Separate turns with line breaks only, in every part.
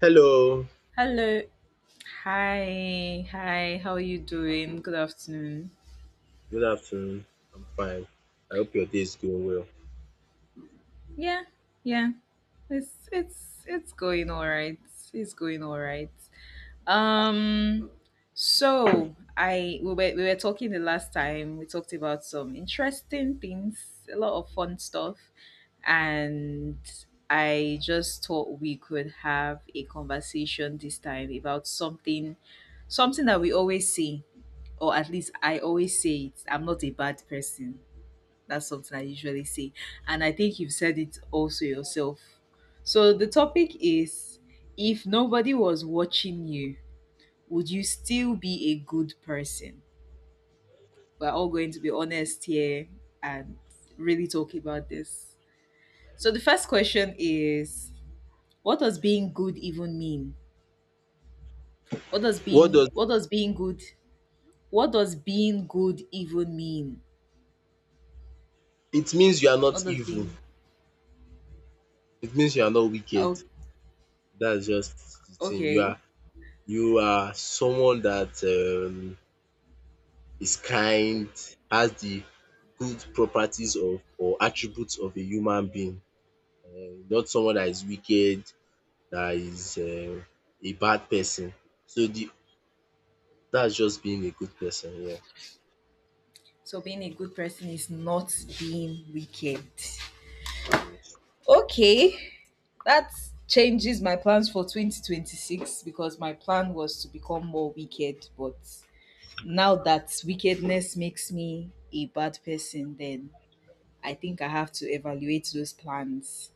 Hello,
Hello. Hi. Hi. How are you doing? Good afternoon.
good afternoon. I'm fine. I hope your day is going well.
Yeah. Yeah. It's going all right. It's going all right. Um so I we were talking the last time. We talked about some interesting things, a lot of fun stuff, and I just thought we could have a conversation this time about something something that we always see, or at least I always say it. I'm not a bad person. That's something I usually say. And I think you've said it also yourself. So the topic is, if nobody was watching you, would you still be a good person? We're all going to be honest here and really talk about this. So the first question is, what does being good even mean?
What does
What does being good what does being good even mean?
it means you are
What
not
does
evil.
being
It means you are not wicked.
oh
That's just the thing. You
Okay.
are you are someone that is kind, has the good properties of or attributes of a human being. Not someone that is wicked, that is a bad person. So the that's just being a good person,
So being a good person is not being wicked.
yeah.
Okay, that changes my plans for 2026 because my plan was to become more wicked, but now that wickedness makes me a bad person, then I think I have to evaluate those plans.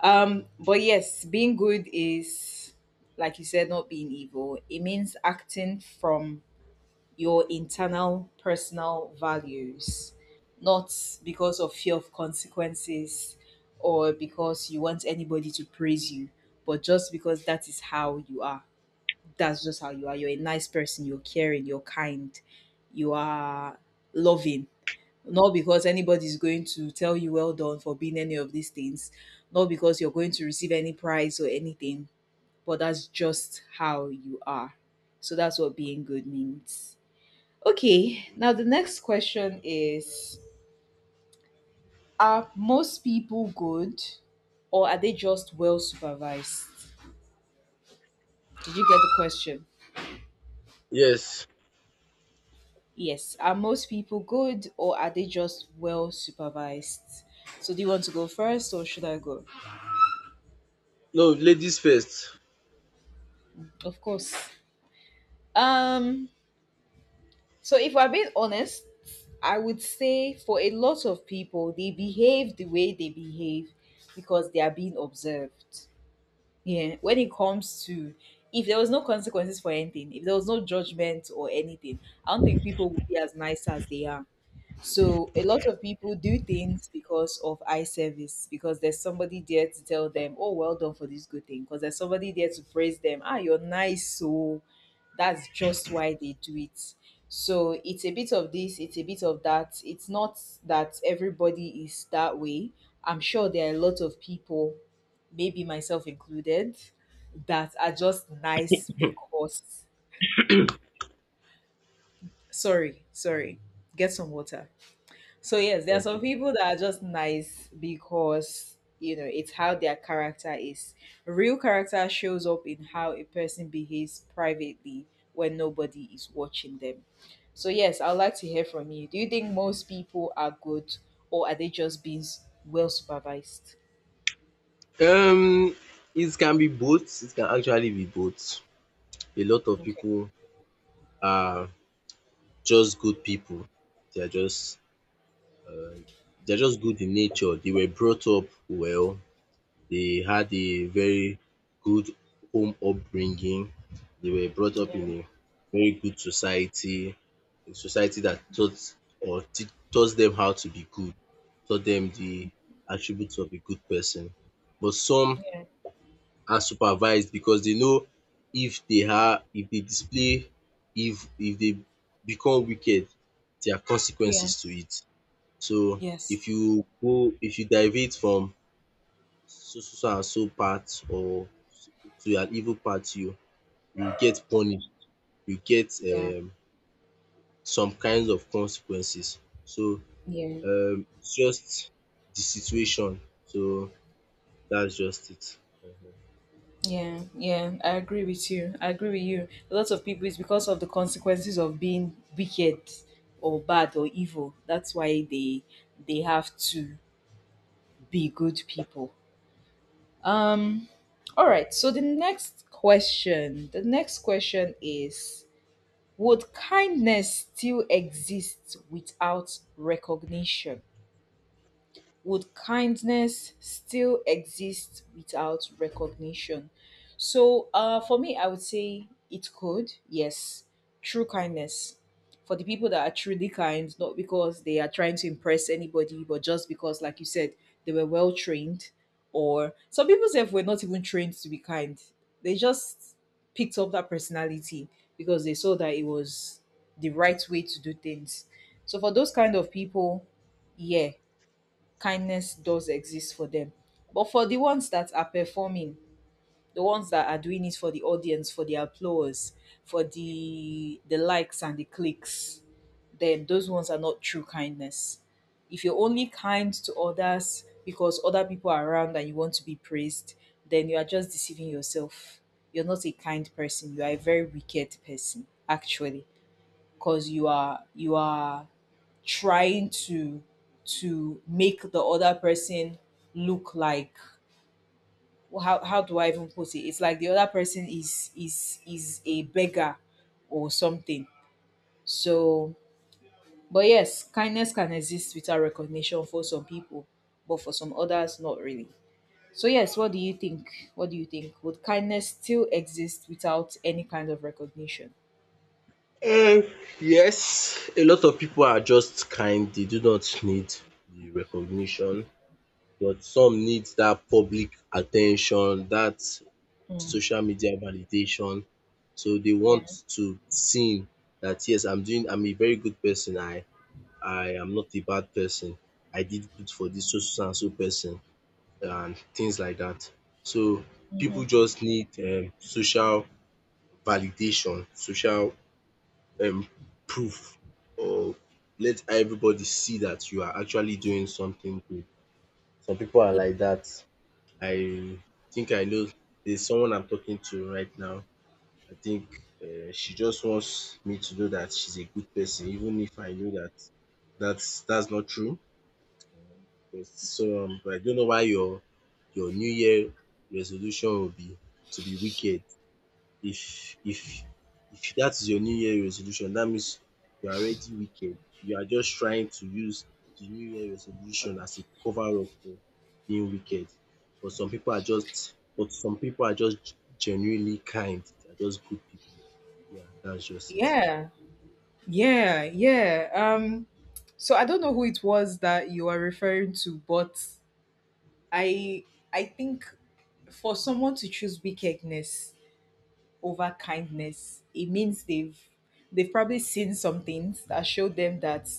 But yes, being good is, like you said, not being evil. It means acting from your internal personal values, not because of fear of consequences or because you want anybody to praise you, but just because that is how you are. That's just how you are. You're a nice person, you're caring, you're kind, you are loving. Not because anybody's going to tell you well done for being any of these things, not because you're going to receive any prize or anything, but that's just how you are. So that's what being good means. Okay, now the next question is, are most people good or are they just well supervised? Did you get the question?
Yes.
Yes, are most people good or are they just well supervised? So do you want to go first or should I go?
No, ladies first.
Of course. Um so if we're being honest, I would say for a lot of people they behave the way they behave because they are being observed. Yeah, when it comes to, if there was no consequences for anything, if there was no judgment or anything, I don't think people would be as nice as they are. So a lot of people do things because of eye service, because there's somebody there to tell them, "Oh, well done for this good thing," because there's somebody there to praise them. Ah, you're nice, so that's just why they do it. So it's a bit of this, it's a bit of that. It's not that everybody is that way. I'm sure there are a lot of people, maybe myself included, that are just nice because. Sorry, sorry. Get some water. So yes, there are
Thank
some
you.
people that are just nice because you know it's how their character is. Real character shows up in how a person behaves privately when nobody is watching them. So yes, I'd like to hear from you. Do you think most people are good or are they just being well supervised?
Um, it can be both. It can actually be both. A lot of
Okay.
people are just good people. They are just they are just good in nature. They were brought up well. They had a very good home upbringing. They were brought up
Yeah.
in a very good society, a society that taught or tea taught them how to be good, taught them the attributes of a good person. But some
Yeah.
are supervised because they know if they are if they display if they become wicked there are
Yeah.
consequences to it. So
Yes.
if you deviate from so and so path or to an evil path you get punished, you get
Yeah.
some kinds of consequences. So
Yeah.
it's just the situation, so that's just it.
Yeah, yeah, I agree with you. I agree with you. A lot of people, it's because of the consequences of being wicked or bad or evil. That's why they have to be good people. Um, all right. So the next question is, would kindness still exist without recognition? Would kindness still exist without recognition? So, for me, I would say it could, yes. True kindness for the people that are truly kind, not because they are trying to impress anybody, but just because, like you said, they were well trained, or some people say were not even trained to be kind. They just picked up that personality because they saw that it was the right way to do things. So for those kind of people, yeah, kindness does exist for them. But for the ones that are performing, the ones that are doing it for the audience, for the applause, for the likes and the clicks, then those ones are not true kindness. If you're only kind to others because other people are around and you want to be praised, then you are just deceiving yourself. You're not a kind person. You are a very wicked person, actually, because you are trying to make the other person look like, well, how do I even put it? It's like the other person is is a beggar or something. So, but yes, kindness can exist without recognition for some people, but for some others, not really. So yes, what do you think? What do you think? Would kindness still exist without any kind of recognition?
Um, yes, a lot of people are just kind. They do not need the recognition, but some need that public attention, that
Mm,
social media validation. So they
yeah.
want to seen that yes, I'm doing. I'm a very good person. I am not a bad person. I did good for this so so and so person and things like that. So
Hmm,
people just need social validation, social um proof or let everybody see that you are actually doing something good. Some people are like that. I think I know there's someone I'm talking to right now. I think she just wants me to know that she's a good person even if I know that that's not true. But I don't know why your new year resolution will be to be wicked. If if if that is your new year resolution, that means you are already wicked. You are just trying to use the new year resolution as a cover up for being wicked. But some people are just genuinely kind. They are just good people. Yeah, that's just it.
yeah. Yeah, yeah. So I don't know who it was that you are referring to, but I I think for someone to choose wickedness over kindness, it means they've probably seen some things that show them that,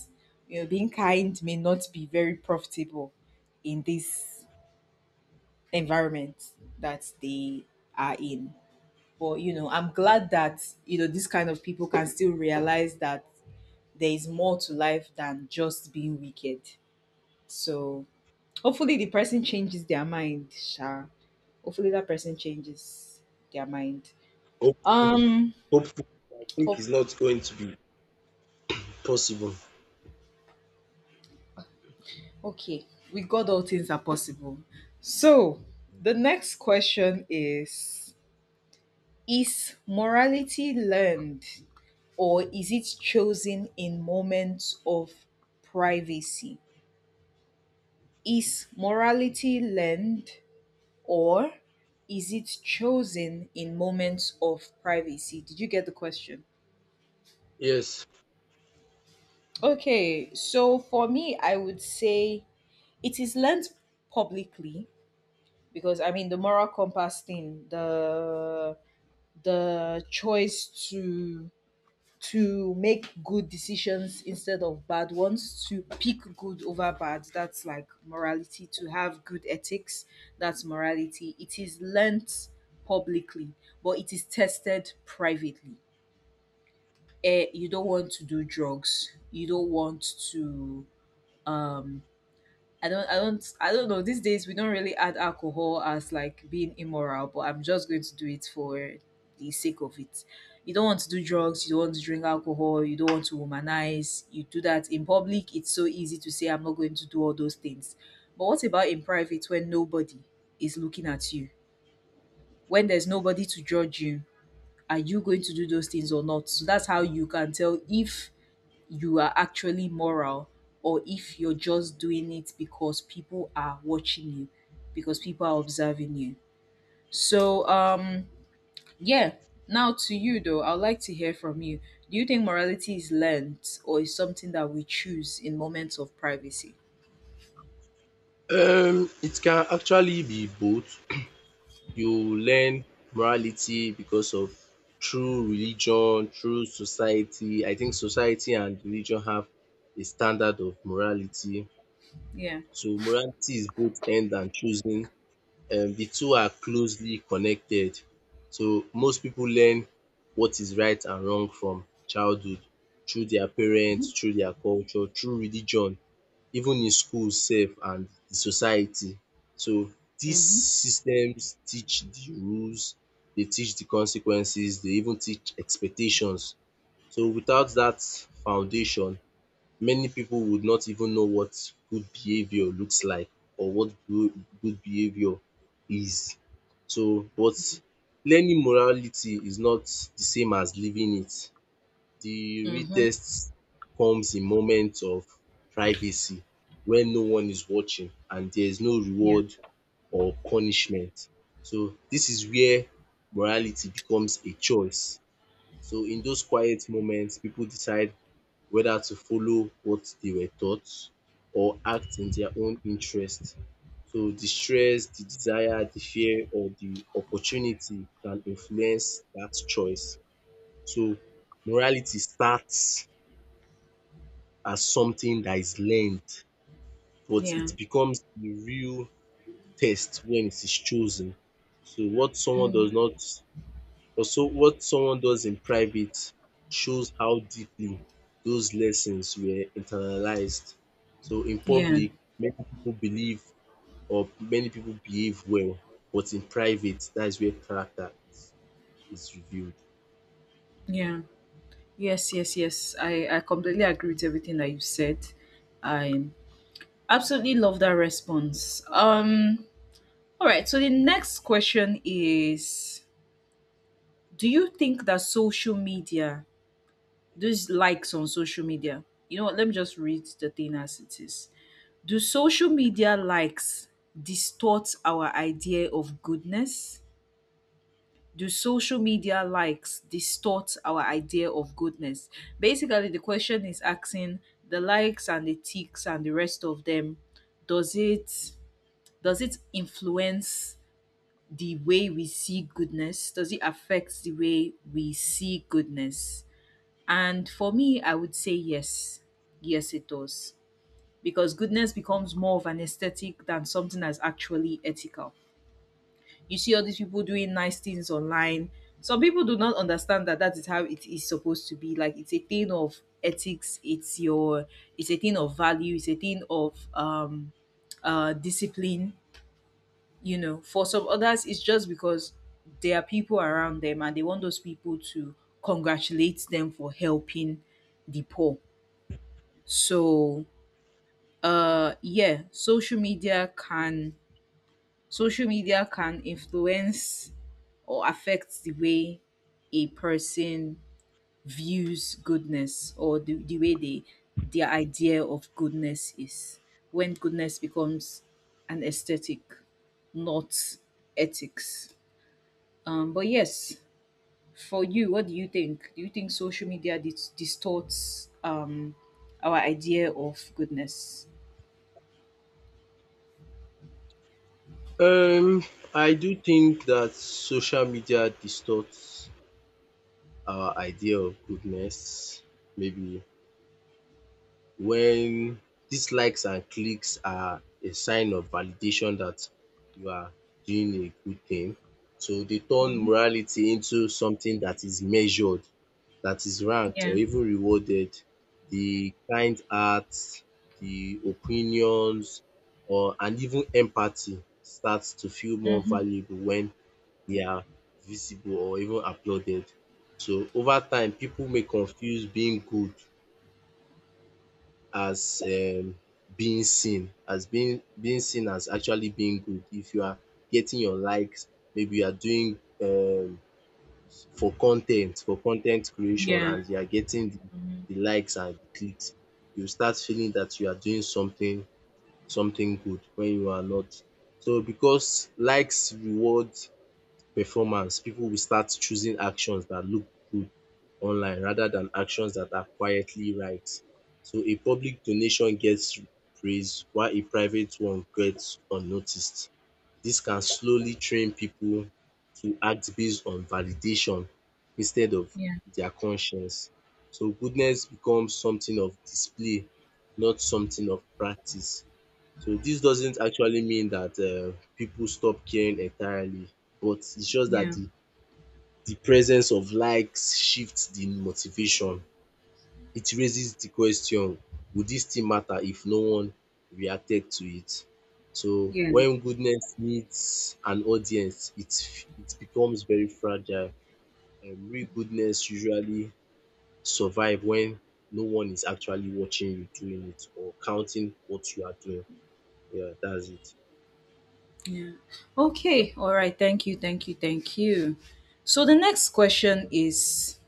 you know, being kind may not be very profitable in this environment that they are in. But you know, I'm glad that you know these kind of people can still realize that there is more to life than just being wicked. So hopefully the person changes their mind. Sha. Hopefully that person changes their mind.
Hopefully,
Um
hopefully, I think
hope
it's not going to be possible.
Okay. With God all things are possible. So the next question is morality learned or is it chosen in moments of privacy? Is morality learned or is it chosen in moments of privacy? Did you get the question?
Yes.
Okay, so for me, I would say it is learned publicly, because I mean the moral compass thing, the choice to make good decisions instead of bad ones, to pick good over bad. That's like morality. To have good ethics, that's morality. It is learnt publicly, but it is tested privately. Eh, you don't want to do drugs. You don't want to um I don't I don't I don't know. These days we don't really add alcohol as like being immoral, but I'm just going to do it for the sake of it. You don't want to do drugs, you don't want to drink alcohol, you don't want to womanize, you do that in public, it's so easy to say I'm not going to do all those things. But what about in private when nobody is looking at you? When there's nobody to judge you, are you going to do those things or not? So that's how you can tell if you are actually moral or if you're just doing it because people are watching you, because people are observing you. So, yeah. Now to you though, I'd like to hear from you. Do you think morality is learned or is something that we choose in moments of privacy?
It can actually be both. You learn morality because of through religion, through society. I think society and religion have a standard of morality.
Yeah.
So morality is both end and choosing. The two are closely connected. So most pipu learn what is right and wrong from childhood through their
Mm-hmm.
parents, through their culture, through religion, even in school sef and the society. So dis
Mm-hmm.
systems teach the rules, dey teach the consequences, dey even teach expectations. So without dat foundation, many people would not even know what good behavior looks like or what good behavior is. So but learning morality is not the same as living it. The real
Mm-hmm.
test comes in moments of privacy when no one is watching and there is no
Yeah.
reward or punishment. So this is where morality becomes a choice, so in those quiet moments, people decide whether to follow what they were taught or act in their own interest. So the stress, the desire, the fear, or the opportunity can influence that choice. So morality starts as something that is learned, but
Yeah.
it becomes the real test when it is chosen. So what someone does not also, what someone does in private shows how deeply those lessons were internalized. So in
Yeah.
public, many people behave well, but in private, that is where character is revealed.
Yeah. Yes, yes, yes. I completely agree with everything that you said. I absolutely love that response. All right. So the next question is, do you think that social media, those likes on social media, you know what? Let me just read the thing as it is. Do social media likes distort our idea of goodness? Do social media likes distort our idea of goodness? Basically, the question is asking, the likes and the ticks and the rest of them, does it does it influence the way we see goodness? Does it affect the way we see goodness? And for me, I would say yes. Yes, it does. Because goodness becomes more of an aesthetic than something that's actually ethical. You see all these people doing nice things online. Some people do not understand that that is how it is supposed to be. Like it's a thing of ethics. It's your. It's a thing of value. It's a thing of discipline. You know, for some others it's just because there are people around them and they want those people to congratulate them for helping the poor. So, yeah, social media can influence or affect the way a person views goodness, or the way they their idea of goodness is, when goodness becomes an aesthetic, not ethics. But yes, for you, what do you think? Do you think social media distorts, our idea of goodness?
Um, I do think that social media distorts our idea of goodness, maybe when these likes and clicks are a sign of validation that you are doing a good thing. So they turn
Hmm.
morality into something that is measured, that is ranked or
Yeah.
even rewarded. The kind acts, the opinions or and even empathy starts to feel more
Mm-hmm.
valuable when they are visible or even applauded. So over time, people may confuse being good as being seen, as being seen as actually being good. If you are getting your likes, maybe you are doing for con ten t, for con ten t creation
Yeah.
and you are getting
Hmm.
the likes and the clicks, you start feeling that you are doing something good when you are not. So because likes reward performance, people will start choosing actions that look good online rather than actions that are quietly right. So a public donation gets praise while a private one gets unnoticed. This can slowly train people to act based on validation instead of
Yeah.
their conscience. So goodness becomes something of display, not something of practice. So this doesn't actually mean that people stop caring entirely, but it's just that
Yeah.
the presence of likes shifts the motivation. It raises the question, would this still matter if no one reacted to it? So
Yeah,
when goodness needs an audience, it becomes very fragile. Real goodness usually survive when no one is actually watching you doing it or counting what you are doing. Yeah, that's it.
yeah. Okay, all right. Thank you, thank you, thank you. So the next question is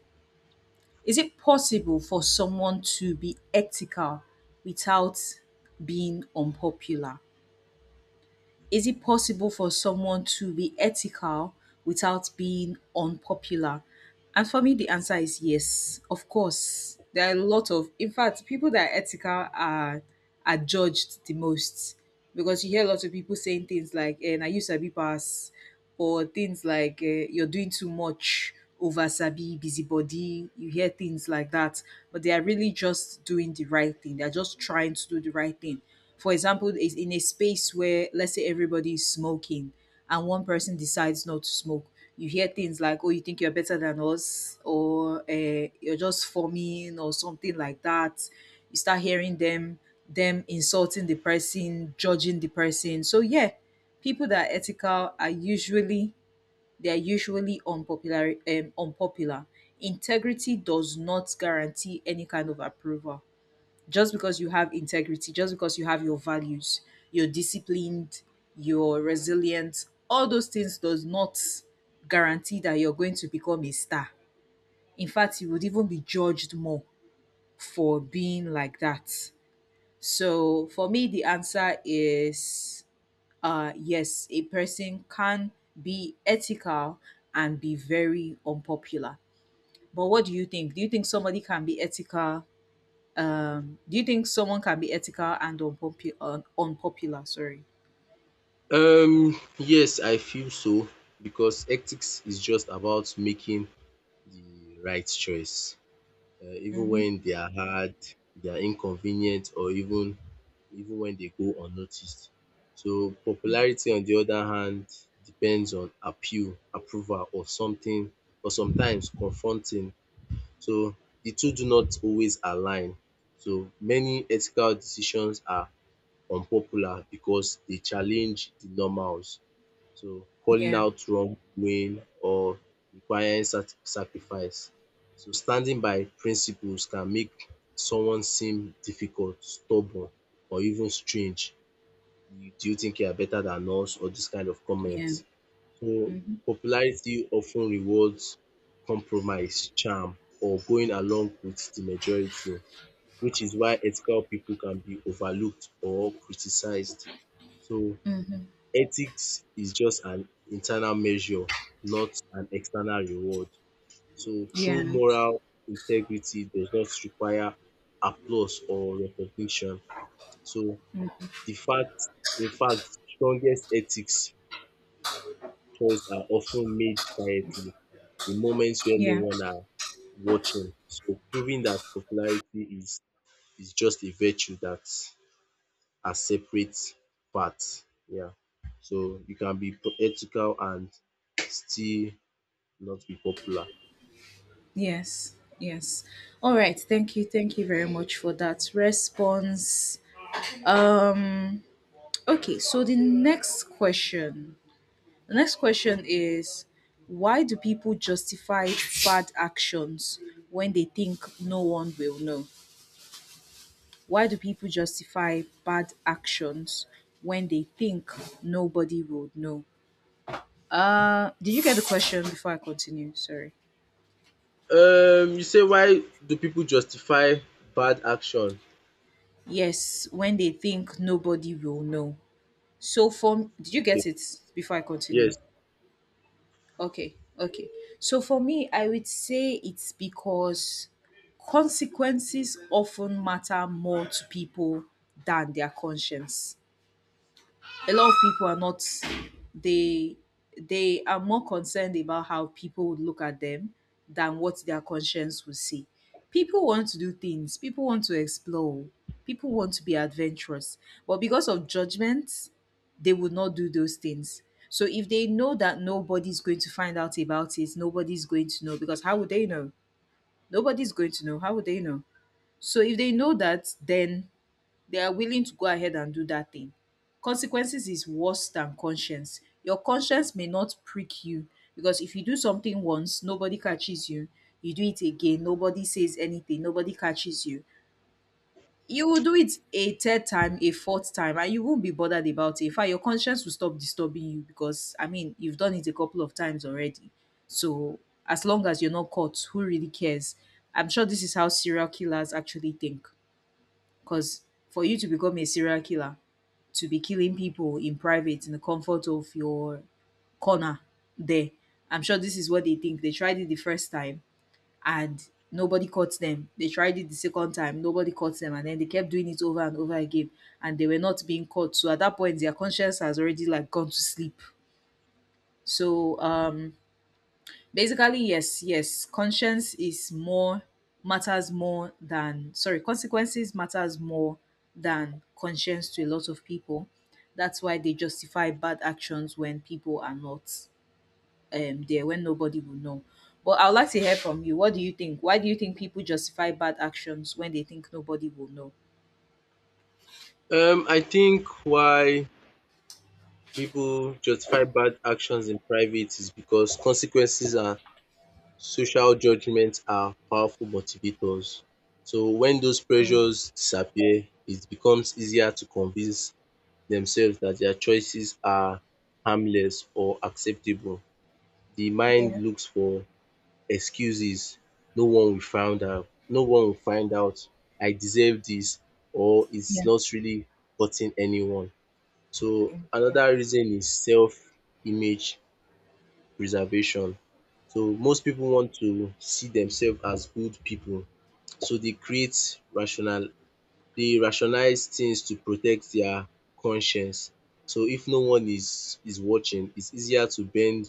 Is it possible for someone to be ethical without being unpopular? Is it possible for someone to be ethical without being unpopular? And for me, the answer is yes, of course. There are a lot of, in fact, people that are ethical are judged the most because you hear a lot of people saying things like "na you sabi pass," or things like "you're doing too much." Over sabi, busybody, you hear things like that, but they are really just doing the right thing. They're just trying to do the right thing. For example, is in a space where let's say everybody is smoking and one person decides not to smoke, you hear things like, "Oh, you think you're better than us," or "You're just forming," or something like that. You start hearing them insulting the person, judging the person. So yeah, people that are ethical are usually they are usually unpopular. Integrity does not guarantee any kind of approval. Just because you have integrity, just because you have your values, you're disciplined, you're resilient, all those things does not guarantee that you're going to become a star. In fact, you would even be judged more for being like that. So for me, the answer is yes, a person can be ethical and be very unpopular. But what do you think? Do you think somebody can be ethical do you think someone can be ethical and unpopular? Sorry.
Yes, I feel so because ethics is just about making the right choice, even
Mm-hmm.
when they are hard, they are inconvenient, or even when they go unnoticed. So popularity, on the other hand, depends on appeal, approval, or something, or sometimes confronting. So the two do not always align. So many ethical decisions are unpopular because they challenge the normals. So calling
Yeah.
out wrong doing or requiring sacrifice. So standing by principles can make someone seem difficult, stubborn or even strange. You- Do you think you are better than us? Or this kind of
Yeah.
comments. So
Mm-hmm.
popularity often rewards compromise, charm or going along with the majority which is why ethical people can be overlooked or criticised. So
Mm-hmm.
ethics is just an internal measure, not an external reward. So
Yeah.
true moral integrity does not require applause or recognition. So
Mm.
the fact, in fact, strongest ethics choices are often made quietly in moments where no
Yeah.
one are watching. So proving that popularity is just a virtue that as separate parts. Yeah. So you can be ethical and still not be popular.
Yes. Yes. All right. Thank you. Thank you very much for that response. Um. Okay. So the next question. The next question is, why do people justify bad actions when they think no one will know? Why do people justify bad actions when they think nobody would know? Did you get the question before I continue? Sorry.
You say why do people justify bad action?
Yes, when they think nobody will know. So for did you get
Okay,
it before I continue?
yes.
Okay, okay. So for me, I would say it's because consequences often matter more to people than their conscience. A lot of people are not they they are more concerned about how people would look at them than what their conscience will say. People want to do things, people want to explore, people want to be adventurous, but because of judgment, they would not do those things. So if they know that nobody's going to find out about it, nobody's going to know, because how would they know? Nobody's going to know. How would they know? So if they know that, then they are willing to go ahead and do that thing. Consequences is worse than conscience. Your conscience may not prick you because if you do something once, nobody catches you. You do it again, nobody says anything, nobody catches you. You will do it a third time, a fourth time, and you won't be bothered about it. In fact, your conscience will stop disturbing you because, I mean, you've done it a couple of times already. So, as long as you're not caught, who really cares? I'm sure this is how serial killers actually think. Because for you to become a serial killer, to be killing people in private in the comfort of your corner there. I'm sure this is what they think. They tried it the first time and nobody caught them. They tried it the second time, nobody caught them, and then they kept doing it over and over again and they were not being caught. So at that point their conscience has already like gone to sleep. So um Basically, yes, yes. Conscience is more matters more than sorry, consequences matters more than conscience to a lot of people. That's why they justify bad actions when people are not there, when nobody will know. But I would like to hear from you. What do you think? Why do you think people justify bad actions when they think nobody will know?
I think why people justify bad actions in private is because consequences and social judgment are powerful motivators. So when those
Mm,
pressures disappear, it becomes easier to convince themselves that their choices are harmless or acceptable. The mind
yeah,
looks for excuses. No one will find out. No one will find out. I deserve this or it's
yeah.
not really hurting anyone. So
Yeah, yeah.
another reason is self-image preservation. So most people want to see themselves as good people. So they create rational dey rationalize things to protect their conscience. So if no one is watching, it's easier to bend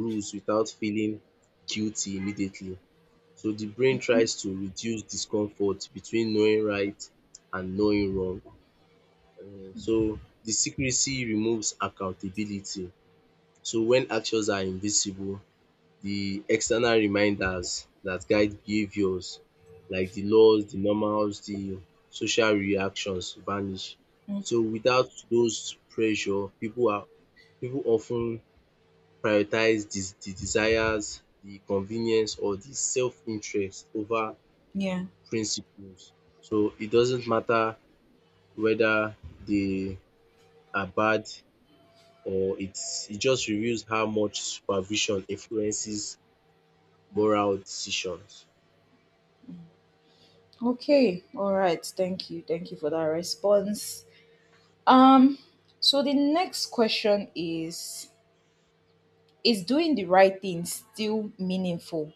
rules without feeling guilty immediately. So the brain tries to reduce discomfort between knowing right and knowing wrong. So the secrecy removes accountability. So when actions are invisible, the external reminders that guide behaviors like the laws, the normals, the social reactions vanish. So without those pressure, people often prioritize des the desires, the convenience or the self-interest over
Yeah.
principles. So it doesn't matter whether they are bad or it just reveals how much supervision influences moral decisions.
Okay. All right. Thank you. Thank you for that response. Um, so the next question is doing the right thing still meaningful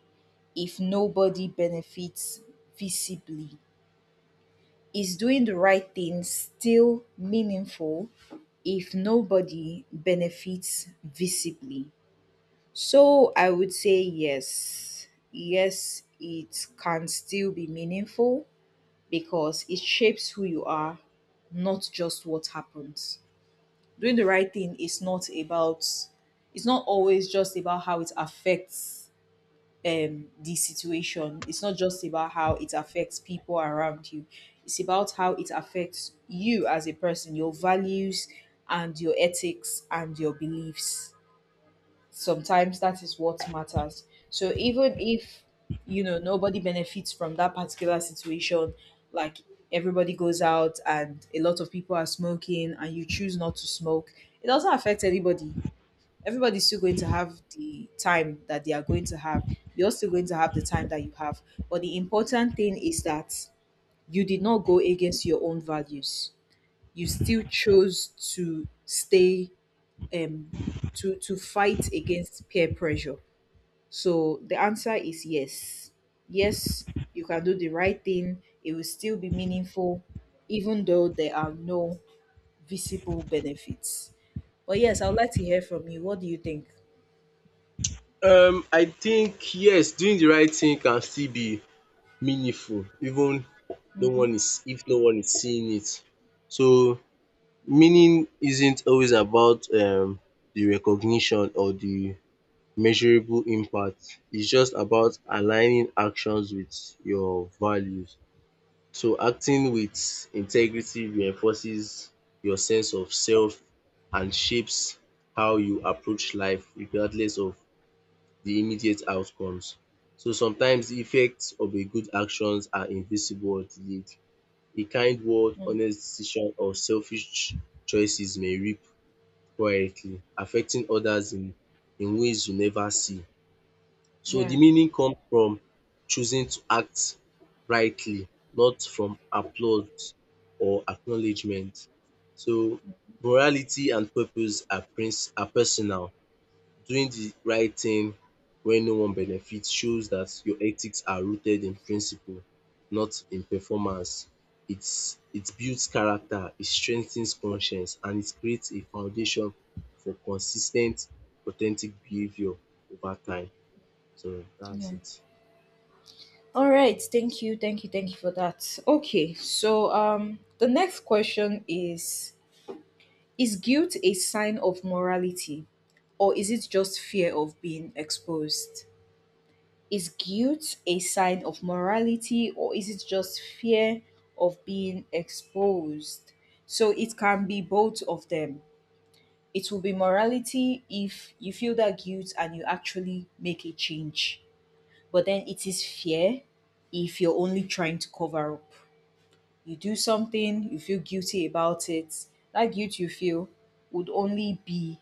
if nobody benefits visibly? Is doing the right thing still meaningful if nobody benefits visibly? So I would say yes. Yes, it can still be meaningful because it shapes who you are, not just what happens. Doing the right thing is not about it's not always just about how it affects the situation, it's not just about how it affects people around you, it's about how it affects you as a person, your values and your ethics and your beliefs. Sometimes that is what matters. So even if you know nobody benefits from that particular situation, like everybody goes out and a lot of people are smoking and you choose not to smoke, it doesn't affect anybody. Everybody's still going to have the time that they are going to have. You're still going to have the time that you have. But the important thing is that you did not go against your own values. You still chose to stay um to fight against peer pressure. So the answer is yes. Yes, you can do the right thing, it will still be meaningful, even though there are no visible benefits. But yes, I would like to hear from you. What do you think?
I think yes, doing the right thing can still be meaningful even no one
Hmm.
is if no one is seeing it. So meaning isn't always about the recognition or the measurable impact, it's just about aligning actions with your values. So acting with integrity reinforces your sense of self and shapes how you approach life regardless of the immediate outcomes. So sometimes the effects of a good actions are invisible or delayed. A kind word,
Mm,
honest decision or selfish choices may reap quietly, affecting others in ways you never see. So
yeah,
the meaning comes from choosing to act rightly, not from applause or acknowledgement. So morality and purpose are are personal. Doing the right thing when no one benefits shows that your ethics are rooted in principle, not in performance. It builds character, it strengthens conscience and it creates a foundation for consistent, authentic behaviour over time. So that's
yeah.
it.
All right. Thank you. Thank you. Thank you for that. Okay. So, the next question is guilt a sign of morality or is it just fear of being exposed? Is guilt a sign of morality or is it just fear of being exposed? So it can be both of them. It will be morality if you feel that guilt and you actually make a change. But then it is fear if you're only trying to cover up. You do something, you feel guilty about it. That guilt you feel would only be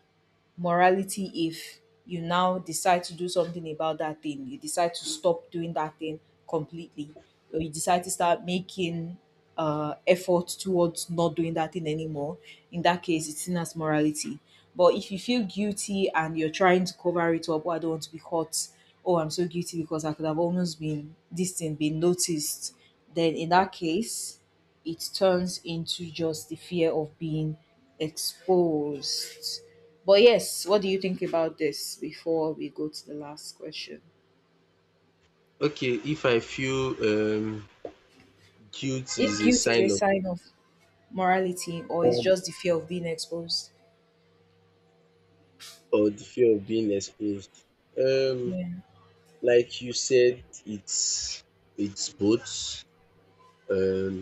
morality if you now decide to do something about that thing. You decide to stop doing that thing completely, or you decide to start making effort towards not doing that thing anymore. In that case, it's seen as morality. But if you feel guilty and you're trying to cover it up, oh, I don't want to be caught. Oh, I'm so guilty because I could have almost been this thing been noticed. Then in that case, it turns into just the fear of being exposed. But yes, what do you think about this before we go to the last question?
Okay, if I feel guilt
If
is a
guilt is a
sign of
sign of morality or is
love
just the fear of being exposed?
or the fear of being exposed. Um
Yeah.
like you said, it's both. um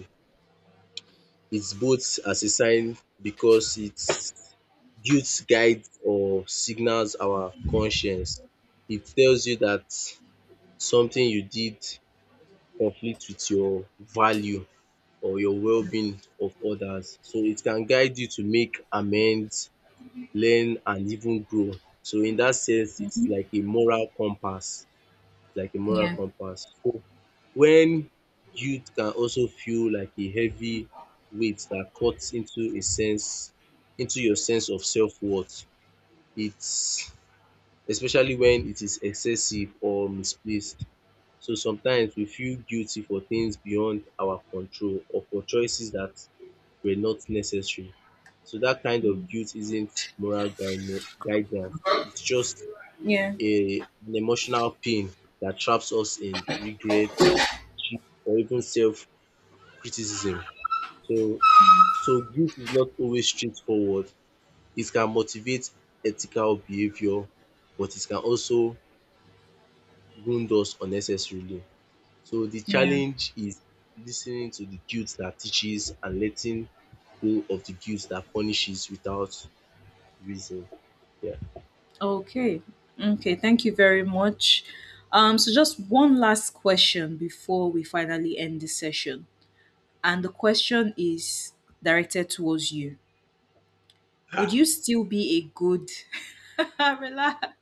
It's both as a sign because it's guilt guides or signals our conscience. It tells you that something you did conflict with your value or your well-being of others. So it can guide you to make amends, learn and even grow. So in that sense, it is like a moral compass. It's like a moral
Yeah.
compass. When guilt can also feel like a heavy weight that cuts into your sense of self-worth, it's especially when it is excessive or misplaced. So sometimes we feel guilty for things beyond our control or for choices that were not necessary. So that kind of guilt isn't guidance, it's just
Yeah.
a an emotional pain that traps us in regret or even self-criticism. So so guilt is not always straightforward. It can motivate ethical behavior, but it can also wound us unnecessarily. So the
Yeah.
challenge is listening to the guilt that teaches and letting go of the guilt that punishes without reason. Yeah.
Okay. Okay. Thank you very much. So just one last question before we finally end this session. And the question is directed towards you. Would
Ah,
you still be a good relax.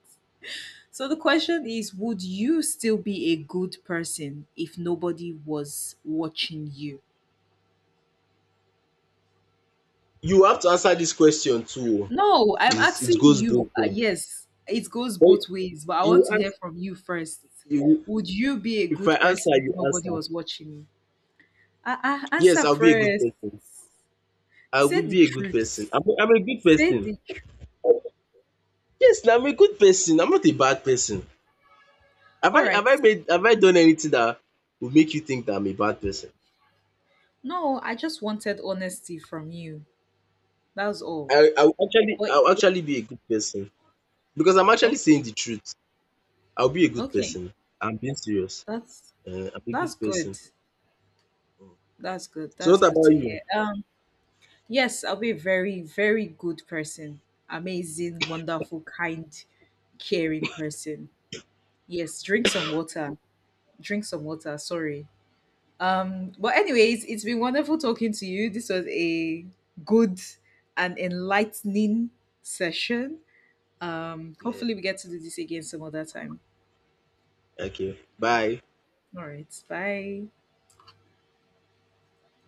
So the question is, would you still be a good person if nobody was watching you?
you have to answer this question too.
No, I'm
It's, it
asking
goes both
you.
ways.
Yes, it goes
But
both ways, but I want
you
to hear
ask,
from you first.
you,
Would you be a
if
good
I answer,
person if
you
nobody
answer.
was watching you?
Yes,
Answer
I'll be a good
first.
person. I will
Say the
be a good person.
truth.
I'm a good
Say
person.
the truth.
Yes, na I'm a good person. I'm not a bad person. Have
All
I have
right.
I made have I done anything that would make you think that I'm a bad person?
No, I just wanted honesty from you. That's all. But
I will
yeah,
actually be a good person because I'm actually saying
okay.
the truth. I'll be a good
Okay.
person. I'm being serious.
That's
Eh, I'm a good
that's good.
person.
That's good.
So
That's
what
good
about
to
you?
hear. Yes, I'll be a very, very good person. Amazing, wonderful, kind, caring person. Yes, drink some water. Drink some water. Sorry. But anyways, it's been wonderful talking to you. This was a good and enlightening session.
Eh,
Hopefully we get to do this again some other time.
okay.
Yeah.
Bye.
All right. Bye.